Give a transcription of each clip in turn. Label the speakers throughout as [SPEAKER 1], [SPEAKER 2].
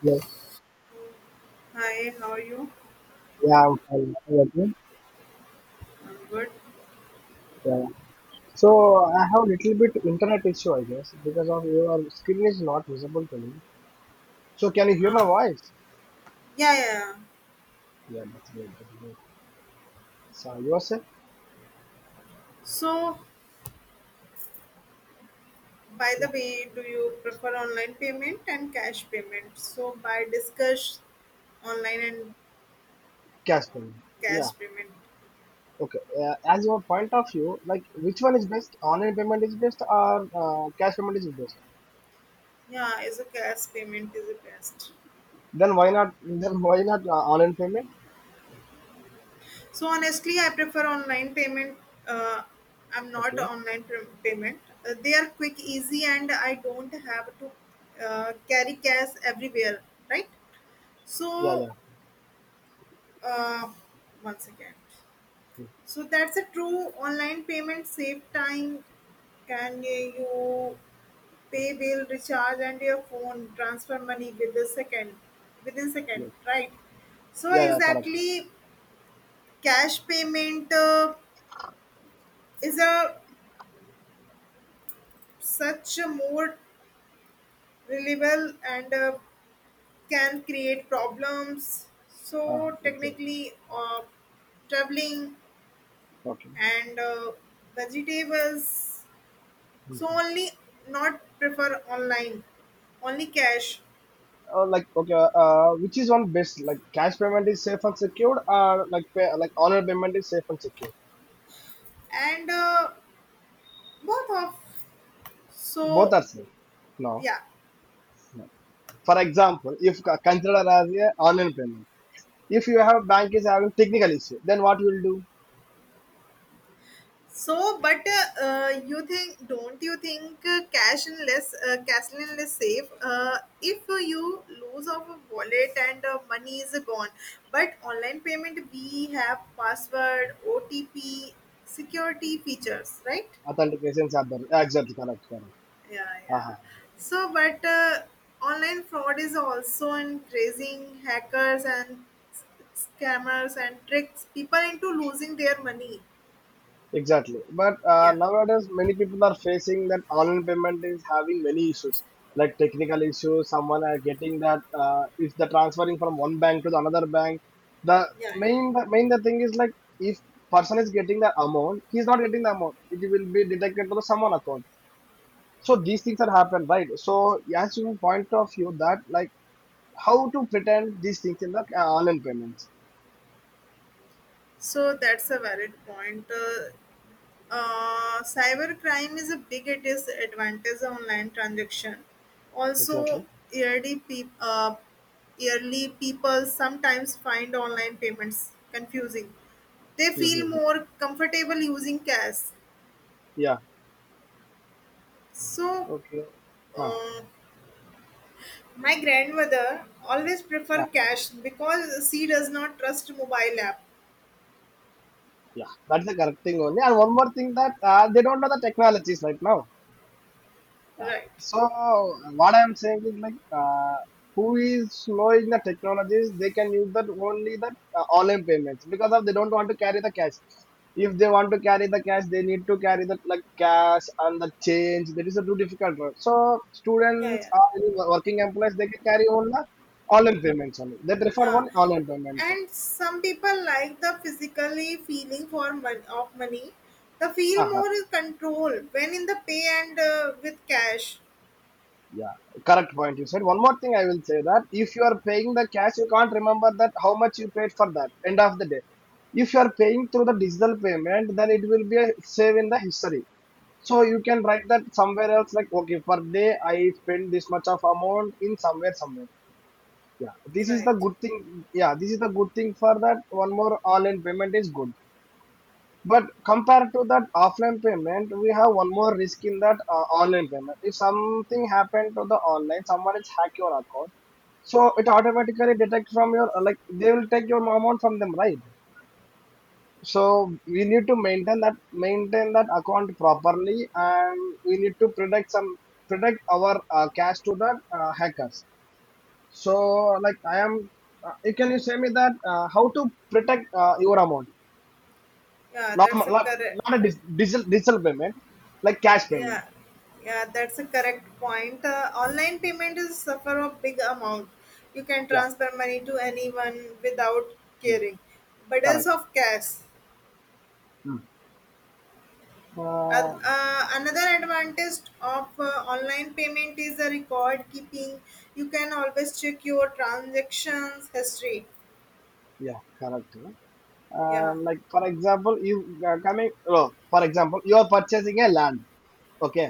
[SPEAKER 1] Yeah,
[SPEAKER 2] Hi, how are you?
[SPEAKER 1] yeah, I'm fine. How about you?
[SPEAKER 2] I'm good.
[SPEAKER 1] Yeah. So I have little bit internet issue, I guess, because of your screen is not visible to me. So can you hear my
[SPEAKER 2] Uh,
[SPEAKER 1] voice?
[SPEAKER 2] yeah, yeah, yeah.
[SPEAKER 1] Yeah, that's good. That's good. So yourself?
[SPEAKER 2] So, by the
[SPEAKER 1] Yeah,
[SPEAKER 2] way, do you prefer online payment and cash payment? So, by discuss online and
[SPEAKER 1] cash payment.
[SPEAKER 2] uh,
[SPEAKER 1] Yeah.
[SPEAKER 2] cash payment.
[SPEAKER 1] Okay. As your point of view, like which one is best? Online payment is best or cash payment is best?
[SPEAKER 2] Yeah, is a cash payment is the best.
[SPEAKER 1] Then why not? Then why not online payment?
[SPEAKER 2] So honestly, I prefer online payment. Uh, I'm not a
[SPEAKER 1] Okay.
[SPEAKER 2] online payment. They are quick, easy, and I don't have to carry cash everywhere, right?
[SPEAKER 1] Yeah.
[SPEAKER 2] So,
[SPEAKER 1] Yeah.
[SPEAKER 2] uh, once again.
[SPEAKER 1] Yeah.
[SPEAKER 2] So that's a true online payment save time. Can you pay bill, recharge, and your phone transfer money with a second, within second, right? So
[SPEAKER 1] Yeah, yeah, correct.
[SPEAKER 2] exactly, cash payment is a such a more reliable and can create problems. So
[SPEAKER 1] Exactly.
[SPEAKER 2] technically, traveling
[SPEAKER 1] Okay.
[SPEAKER 2] and vegetables so
[SPEAKER 1] Hmm.
[SPEAKER 2] only not prefer online only cash
[SPEAKER 1] Like okay, which is one best? Like cash payment is safe and secured, or like pay, like online payment is safe and secured.
[SPEAKER 2] and both of
[SPEAKER 1] Both
[SPEAKER 2] so
[SPEAKER 1] are safe. No,
[SPEAKER 2] yeah
[SPEAKER 1] no. For example, if c- consider as a online payment, if you have bank is having technical issue, then what you will do?
[SPEAKER 2] so but you think don't you think cash and less safe if you lose of a wallet and money is gone, but online payment we have password otp security features, right?
[SPEAKER 1] Authentications are there. Exactly correct. Correct.
[SPEAKER 2] Yeah, yeah. so but online fraud is also increasing hackers and s- scammers and tricks people into losing their money.
[SPEAKER 1] Exactly. But
[SPEAKER 2] Yeah,
[SPEAKER 1] nowadays, many people are facing that online payment is having many issues, like technical issues. Someone are getting that if they're transferring from one bank to the another bank, the
[SPEAKER 2] yeah, yeah.
[SPEAKER 1] main the main the thing is like if person is getting the amount, he's not getting the amount. It will be detected to the someone account. So these things are happen, right? So as you point of view that like how to pretend these things in the online payments.
[SPEAKER 2] So that's a valid point. Cyber crime is a big it is advantage of online transaction also.
[SPEAKER 1] Exactly.
[SPEAKER 2] Yearly, peop yearly people sometimes find online payments confusing. They feel
[SPEAKER 1] Hmm.
[SPEAKER 2] more comfortable using cash.
[SPEAKER 1] Yeah.
[SPEAKER 2] So,
[SPEAKER 1] Okay. Huh.
[SPEAKER 2] uh, my grandmother always prefer cash because she does not trust mobile app.
[SPEAKER 1] Yeah, that's the correct thing only. And one more thing that they don't know the technologies right now. Uh,
[SPEAKER 2] Right.
[SPEAKER 1] so uh, what I'm saying is like, who is knowing the technologies, they can use that only that online payments because of they don't want to carry the cash. If they want to carry the cash, they need to carry the like cash and the change. That is a too difficult work. So
[SPEAKER 2] Yeah,
[SPEAKER 1] students
[SPEAKER 2] yeah,
[SPEAKER 1] or any working employees, they can carry only the online payments only. They prefer
[SPEAKER 2] yeah.
[SPEAKER 1] one online payments.
[SPEAKER 2] And some people like the physically feeling for of money. The feel
[SPEAKER 1] Uh-huh.
[SPEAKER 2] more is control when in the pay and with cash.
[SPEAKER 1] Yeah, correct point you said. One more thing I will say that if you are paying the cash, you can't remember that how much you paid for that end of the day. If you are paying through the digital payment, then it will be a save in the history. So
[SPEAKER 2] Yeah.
[SPEAKER 1] you can write that somewhere else like okay per day I spend this much of amount in somewhere somewhere. Yeah,
[SPEAKER 2] You're
[SPEAKER 1] this is
[SPEAKER 2] right.
[SPEAKER 1] the good thing. Yeah, this is the good thing for that. One more online payment is good. But compared to that offline payment, we have one more risk in that online payment. If something happened to the online, someone is hack your account so it automatically detect from your like they will take your amount from them, right? So we need to maintain that account properly, and we need to protect some protect our cash to the hackers. So like I am, can you say me that how to protect your amount,
[SPEAKER 2] Yeah,
[SPEAKER 1] not
[SPEAKER 2] that's a
[SPEAKER 1] not,
[SPEAKER 2] correct.
[SPEAKER 1] not a digital digital payment, like cash payment.
[SPEAKER 2] Yeah, yeah, that's a correct point. Online payment is suffer a big amount. You can
[SPEAKER 1] Yeah.
[SPEAKER 2] transfer money to anyone without
[SPEAKER 1] Mm,
[SPEAKER 2] caring. But as
[SPEAKER 1] correct.
[SPEAKER 2] of cash,
[SPEAKER 1] Mm. Uh,
[SPEAKER 2] another advantage of online payment is the record keeping. You can always check your transactions history.
[SPEAKER 1] yeah, correct.
[SPEAKER 2] Yeah.
[SPEAKER 1] Like for example, you coming. No, for example, you are purchasing a land. Okay,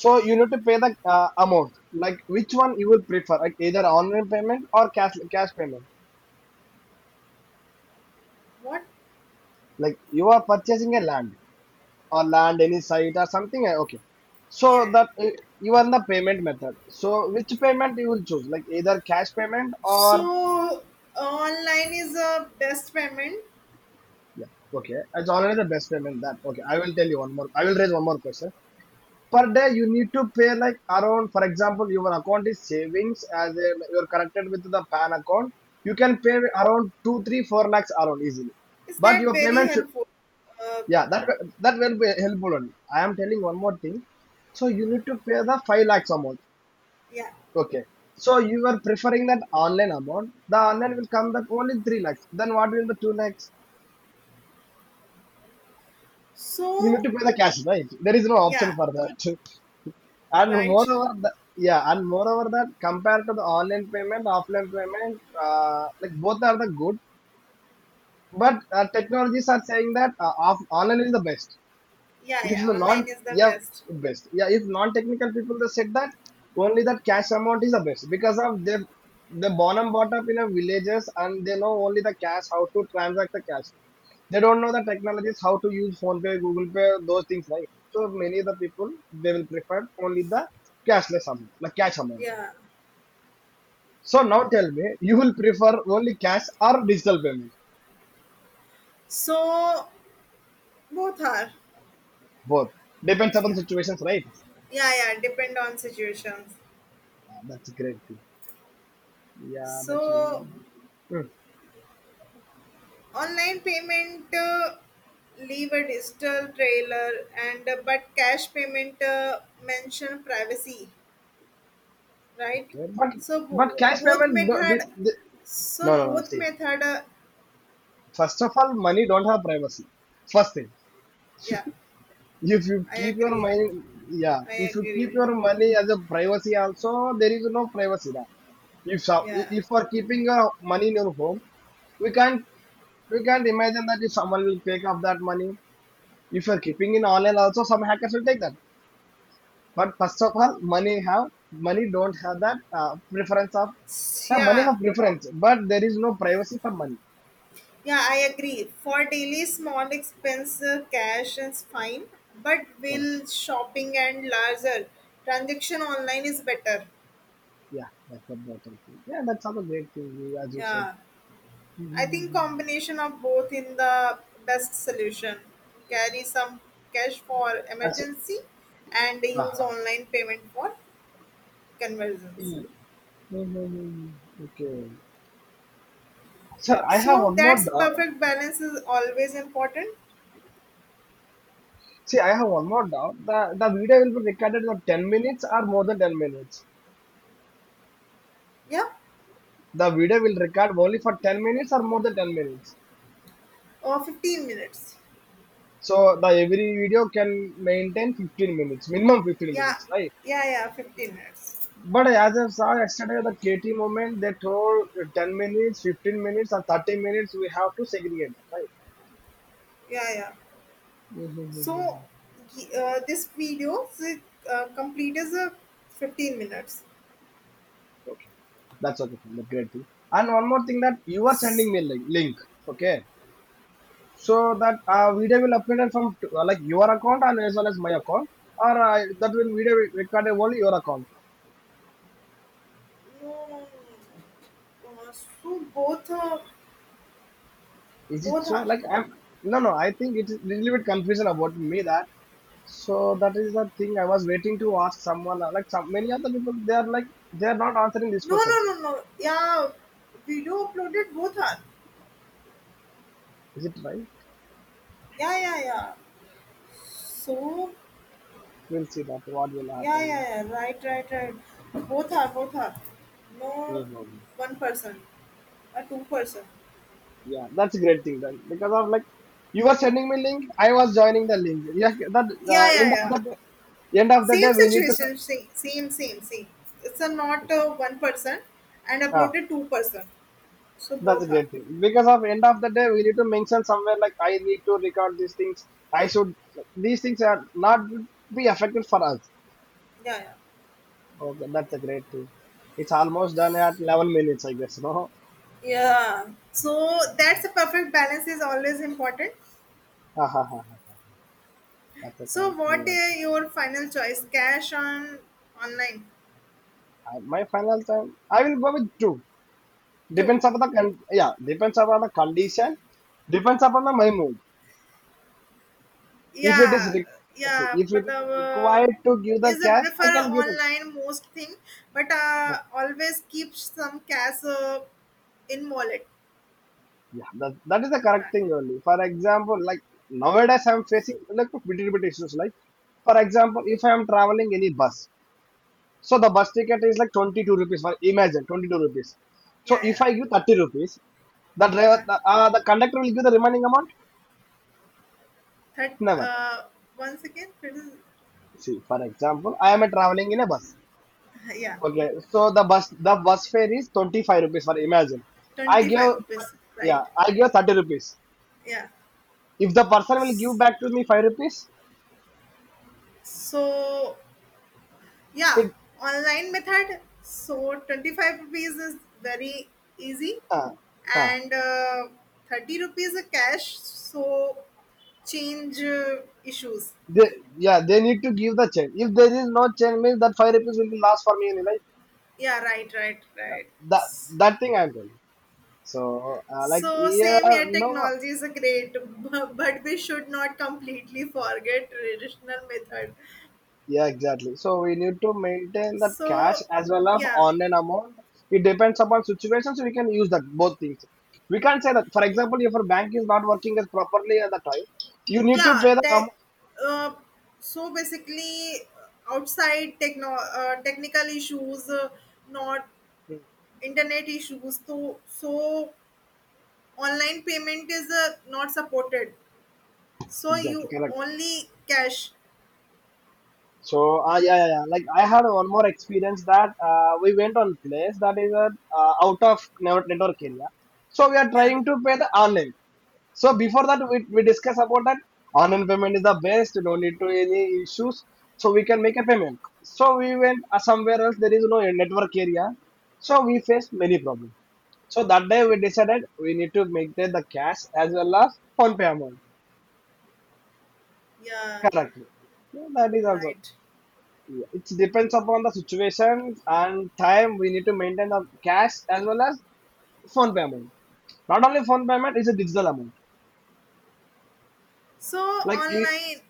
[SPEAKER 1] so you need to pay the amount. Like which one you will prefer? Like either online payment or cash payment.
[SPEAKER 2] What?
[SPEAKER 1] Like you are purchasing a land or land any site or something. Okay, so
[SPEAKER 2] Yeah.
[SPEAKER 1] that you are the payment method. So which payment you will choose? Like either cash payment or
[SPEAKER 2] So online is a best payment.
[SPEAKER 1] yeah. Okay, it's already the best payment. That okay. I will tell you one more. I will raise one more question. Per day you need to pay like around for example your account is savings as in you're connected with the pan account. You can pay around 2 3 4 lakhs around easily,
[SPEAKER 2] Is
[SPEAKER 1] but
[SPEAKER 2] that
[SPEAKER 1] your
[SPEAKER 2] very
[SPEAKER 1] payment should
[SPEAKER 2] helpful? Uh,
[SPEAKER 1] yeah that that will be helpful only. I am telling one more thing. So you need to pay the 5 lakhs amount.
[SPEAKER 2] yeah.
[SPEAKER 1] Okay, so you are preferring that online amount. The online will come that only 3 lakhs. Then what will the 2 lakhs? You need
[SPEAKER 2] So
[SPEAKER 1] to pay the cash, right? There is no option
[SPEAKER 2] yeah,
[SPEAKER 1] for that. And
[SPEAKER 2] right.
[SPEAKER 1] moreover, yeah, and moreover that compared to the online payment, offline payment, like both are the good. But technologies are saying that online is the best.
[SPEAKER 2] Yeah,
[SPEAKER 1] If
[SPEAKER 2] yeah.
[SPEAKER 1] the non,
[SPEAKER 2] Online is the
[SPEAKER 1] yeah,
[SPEAKER 2] best.
[SPEAKER 1] best. Yeah, if non-technical people they said that only that cash amount is the best because of they born and brought up in a villages, and they know only the cash how to transact the cash. They don't know the technologies how to use phone pay google pay those things, right? So many of the people, they will prefer only the cashless amount the cash amount.
[SPEAKER 2] Yeah.
[SPEAKER 1] So now tell me, you will prefer only cash or digital payment?
[SPEAKER 2] So both are.
[SPEAKER 1] Both. Depends upon
[SPEAKER 2] Yeah,
[SPEAKER 1] situations, right?
[SPEAKER 2] yeah, yeah. Depend on situations.
[SPEAKER 1] Ah, that's a great thing. Yeah, that's
[SPEAKER 2] So
[SPEAKER 1] hmm.
[SPEAKER 2] online payment leave a digital trailer, and but cash payment mention privacy, right?
[SPEAKER 1] Okay,
[SPEAKER 2] So
[SPEAKER 1] but cash
[SPEAKER 2] both
[SPEAKER 1] payment
[SPEAKER 2] method.
[SPEAKER 1] no,
[SPEAKER 2] So
[SPEAKER 1] no, no,
[SPEAKER 2] both
[SPEAKER 1] see,
[SPEAKER 2] method.
[SPEAKER 1] first of all money don't have privacy, first thing.
[SPEAKER 2] Yeah,
[SPEAKER 1] If you
[SPEAKER 2] I
[SPEAKER 1] keep your
[SPEAKER 2] agree.
[SPEAKER 1] money, yeah.
[SPEAKER 2] I
[SPEAKER 1] If you keep
[SPEAKER 2] agree.
[SPEAKER 1] your money as a privacy, also there is no privacy now. If so-
[SPEAKER 2] Yeah,
[SPEAKER 1] if for keeping your money in your home, we can't we can't imagine that if someone will take up that money. If you're keeping in online, also some hackers will take that. But first of all, money don't have that preference of yeah, money
[SPEAKER 2] Yeah.
[SPEAKER 1] have preference, but there is no privacy for money.
[SPEAKER 2] Yeah, I agree. For daily small expense, cash is fine, but
[SPEAKER 1] Mm.
[SPEAKER 2] will shopping and larger transaction online is better.
[SPEAKER 1] Yeah, that's a better thing. Yeah, that's another great thing you- as you said.
[SPEAKER 2] Yeah, I think
[SPEAKER 1] Mm.
[SPEAKER 2] combination of both in the best solution. Carry some cash for
[SPEAKER 1] As,
[SPEAKER 2] emergency and use
[SPEAKER 1] uh-huh.
[SPEAKER 2] online payment for conversions.
[SPEAKER 1] Mm-hmm. Okay. Sir, I have
[SPEAKER 2] So
[SPEAKER 1] one more
[SPEAKER 2] that's
[SPEAKER 1] doubt.
[SPEAKER 2] perfect balance is always important.
[SPEAKER 1] See, I have one more doubt. The video will be recorded for 10 minutes or more than 10 minutes.
[SPEAKER 2] Yeah,
[SPEAKER 1] The video will record only for 10 minutes or more than 10 minutes.
[SPEAKER 2] or 15 minutes.
[SPEAKER 1] So the every video can maintain 15 minutes, minimum 15
[SPEAKER 2] Yeah,
[SPEAKER 1] minutes, right?
[SPEAKER 2] yeah, yeah, 15 minutes.
[SPEAKER 1] But as I saw yesterday, the KT movement, they told 10 minutes, 15 minutes, or 30 minutes, we have to segregate them, right?
[SPEAKER 2] Yeah, yeah. So
[SPEAKER 1] Mm-hmm.
[SPEAKER 2] this video is, complete is 15 minutes.
[SPEAKER 1] That's okay. That's great thing. And one more thing that you are sending me link, okay? So that video will uploaded from like your account and as well as my account, or that will video will record only your account.
[SPEAKER 2] No, no, no. So both
[SPEAKER 1] Is it
[SPEAKER 2] both
[SPEAKER 1] so
[SPEAKER 2] are.
[SPEAKER 1] like I'm no, no, I think it is little bit confusion about me that so that is the thing I was waiting to ask someone, like some many other people they are like they are not answering this
[SPEAKER 2] No,
[SPEAKER 1] question.
[SPEAKER 2] no, no, no. Yeah, video uploaded both are.
[SPEAKER 1] Is it right?
[SPEAKER 2] Yeah, yeah, yeah. So
[SPEAKER 1] We'll see that what will
[SPEAKER 2] yeah, yeah,
[SPEAKER 1] happen.
[SPEAKER 2] yeah. Right, right, right. Both are, both are. No,
[SPEAKER 1] Mhm.
[SPEAKER 2] one person, a two person.
[SPEAKER 1] Yeah, that's a great thing then because of like you were sending me link, I was joining the link. Yeah, that
[SPEAKER 2] Yeah, yeah,
[SPEAKER 1] end of
[SPEAKER 2] yeah.
[SPEAKER 1] the end of the
[SPEAKER 2] Same
[SPEAKER 1] day we need to
[SPEAKER 2] situation, same, same, same, same. It's a not one person and
[SPEAKER 1] ah.
[SPEAKER 2] uploaded two person. So
[SPEAKER 1] That's a
[SPEAKER 2] both are.
[SPEAKER 1] great thing. Because of end of the day, we need to mention somewhere like I need to record these things. I should Like, these things are not be affected for us.
[SPEAKER 2] Yeah, yeah.
[SPEAKER 1] Okay, that's a great thing. It's almost done at 11 minutes, I guess. No,
[SPEAKER 2] Yeah. So that's a perfect balance is always important.
[SPEAKER 1] ah, ah, ah, ah, that's a
[SPEAKER 2] So
[SPEAKER 1] correct
[SPEAKER 2] what
[SPEAKER 1] one.
[SPEAKER 2] is your final choice? Cash on online
[SPEAKER 1] I, my final time, I will go with two.
[SPEAKER 2] too.
[SPEAKER 1] Depends upon the yeah, depends upon the condition. Depends upon the my mood. If it is
[SPEAKER 2] Yeah,
[SPEAKER 1] re- yes,
[SPEAKER 2] yeah.
[SPEAKER 1] if it
[SPEAKER 2] But
[SPEAKER 1] is required to give the
[SPEAKER 2] is a
[SPEAKER 1] cash, I
[SPEAKER 2] prefer
[SPEAKER 1] can give it.
[SPEAKER 2] online most thing, but
[SPEAKER 1] No.
[SPEAKER 2] always keep some cash in wallet.
[SPEAKER 1] Yeah, that is the correct
[SPEAKER 2] Right.
[SPEAKER 1] thing only. For example, like nowadays I'm facing like little bit issues. Like for example, if I am traveling any bus, so the bus ticket is like 22 rupees. For imagine 22 rupees. So
[SPEAKER 2] Yeah,
[SPEAKER 1] if
[SPEAKER 2] yeah,
[SPEAKER 1] I give 30 rupees, the driver,
[SPEAKER 2] yeah.
[SPEAKER 1] the, uh, the conductor will give the remaining amount.
[SPEAKER 2] That
[SPEAKER 1] Never.
[SPEAKER 2] once again, it is-
[SPEAKER 1] See, for example, I am a traveling in a bus.
[SPEAKER 2] yeah.
[SPEAKER 1] Okay,
[SPEAKER 2] Okay.
[SPEAKER 1] so the bus fare is 25 rupees. For imagine, I
[SPEAKER 2] Twenty
[SPEAKER 1] give
[SPEAKER 2] five percent, right?
[SPEAKER 1] yeah, I give 30 rupees.
[SPEAKER 2] Yeah.
[SPEAKER 1] If the person will give back to me 5 rupees,
[SPEAKER 2] So yeah,
[SPEAKER 1] it.
[SPEAKER 2] online method. So 25 rupees is very easy
[SPEAKER 1] Uh, uh,
[SPEAKER 2] and 30 rupees a cash. So change issues.
[SPEAKER 1] They, yeah, they need to give the chain. If there is no chain, means that 5 rupees will last for me in life.
[SPEAKER 2] Yeah, right, right, right.
[SPEAKER 1] That that thing I'm telling. So like
[SPEAKER 2] So
[SPEAKER 1] yeah,
[SPEAKER 2] same here,
[SPEAKER 1] no, no,
[SPEAKER 2] technology is a great, but we should not completely forget traditional method.
[SPEAKER 1] yeah, exactly. So we need to maintain that cash
[SPEAKER 2] So
[SPEAKER 1] as well as
[SPEAKER 2] yeah,
[SPEAKER 1] online amount. It depends upon situations. We can use that both things. We can't say that. For example, if your bank is not working as properly at the time, you need to
[SPEAKER 2] yeah
[SPEAKER 1] pay the
[SPEAKER 2] te-
[SPEAKER 1] amount.
[SPEAKER 2] uh, so basically outside techno technical issues not
[SPEAKER 1] Hmm.
[SPEAKER 2] internet issues so so online payment is not supported, so
[SPEAKER 1] Exactly,
[SPEAKER 2] you
[SPEAKER 1] correct.
[SPEAKER 2] only cash.
[SPEAKER 1] So yeah, yeah, yeah. Like I had one more experience that we went on place that is out of network area. So we are
[SPEAKER 2] Yeah,
[SPEAKER 1] trying to pay the online. So before that, we discuss about that online payment is the best. No need to any issues. So we can make a payment. So we went somewhere else. There is no network area. So we faced many problems. So that day we decided we need to make the cash as well as phone pay amount
[SPEAKER 2] yeah,
[SPEAKER 1] correctly. Yeah, that is also.
[SPEAKER 2] right.
[SPEAKER 1] Yeah, it depends upon the situation and time we need to maintain the cash as well as phone payment. Not only phone payment is a digital amount.
[SPEAKER 2] So
[SPEAKER 1] Like you,
[SPEAKER 2] online,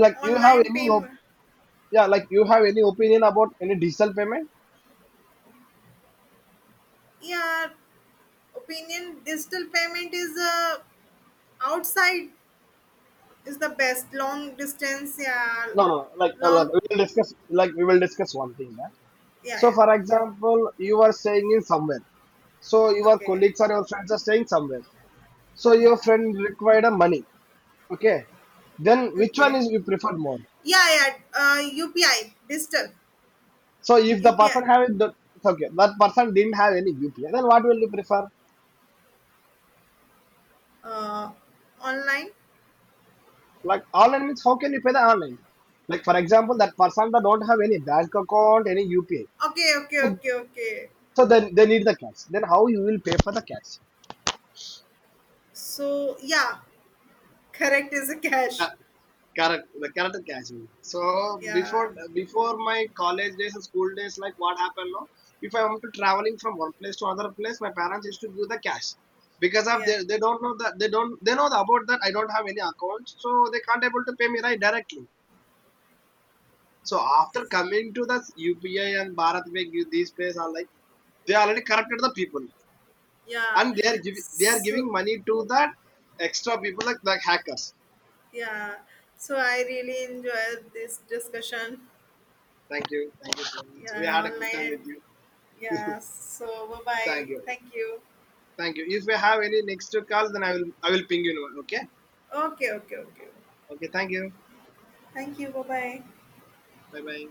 [SPEAKER 1] like you have
[SPEAKER 2] online payment.
[SPEAKER 1] yeah, like you have any opinion about any digital payment?
[SPEAKER 2] Yeah, opinion digital payment is outside is the best long distance, yeah,
[SPEAKER 1] No, no, no. Like
[SPEAKER 2] long,
[SPEAKER 1] we will discuss. Like we will discuss one thing. Yeah?
[SPEAKER 2] yeah,
[SPEAKER 1] So,
[SPEAKER 2] yeah.
[SPEAKER 1] for example, you are staying in somewhere. So your
[SPEAKER 2] Okay.
[SPEAKER 1] colleagues or your friends are staying somewhere. So your
[SPEAKER 2] Yeah.
[SPEAKER 1] friend required a money. Okay. Then which one
[SPEAKER 2] Okay.
[SPEAKER 1] is you preferred more?
[SPEAKER 2] Yeah, yeah. UPI, digital,
[SPEAKER 1] So if the
[SPEAKER 2] UPI,
[SPEAKER 1] person have it, the okay, that person didn't have any UPI, then what will you prefer?
[SPEAKER 2] uh, online.
[SPEAKER 1] Like online means how can you pay the online? Like for example, that person that don't have any bank account, any UPI,
[SPEAKER 2] Okay, okay,
[SPEAKER 1] so,
[SPEAKER 2] okay, okay.
[SPEAKER 1] so then they need the cash. Then how you will pay for the cash?
[SPEAKER 2] So yeah, correct is a cash.
[SPEAKER 1] Yeah, correct, the correct catching. So
[SPEAKER 2] Yeah,
[SPEAKER 1] before before my college days and school days, like what happened now? If I want to traveling from one place to other place, my parents used to give the cash because of
[SPEAKER 2] yeah,
[SPEAKER 1] they don't know that they don't they know the about that I don't have any account, so they can't able to pay me right directly. So after coming to the UPI and Bharat Pay, give these places are like they already corrupted the people,
[SPEAKER 2] yeah.
[SPEAKER 1] and they are
[SPEAKER 2] So
[SPEAKER 1] giving money to that extra people like the hackers.
[SPEAKER 2] yeah, so I really enjoyed this discussion.
[SPEAKER 1] Thank you so much. We
[SPEAKER 2] Yeah,
[SPEAKER 1] had a good
[SPEAKER 2] online
[SPEAKER 1] time
[SPEAKER 2] and
[SPEAKER 1] with you.
[SPEAKER 2] yeah. So bye bye.
[SPEAKER 1] Thank you.
[SPEAKER 2] Thank you.
[SPEAKER 1] Thank you. If we have any next calls, then I will ping you. Okay.
[SPEAKER 2] Okay, okay, okay.
[SPEAKER 1] Okay. Thank you.
[SPEAKER 2] Thank you. Bye bye.
[SPEAKER 1] Bye bye.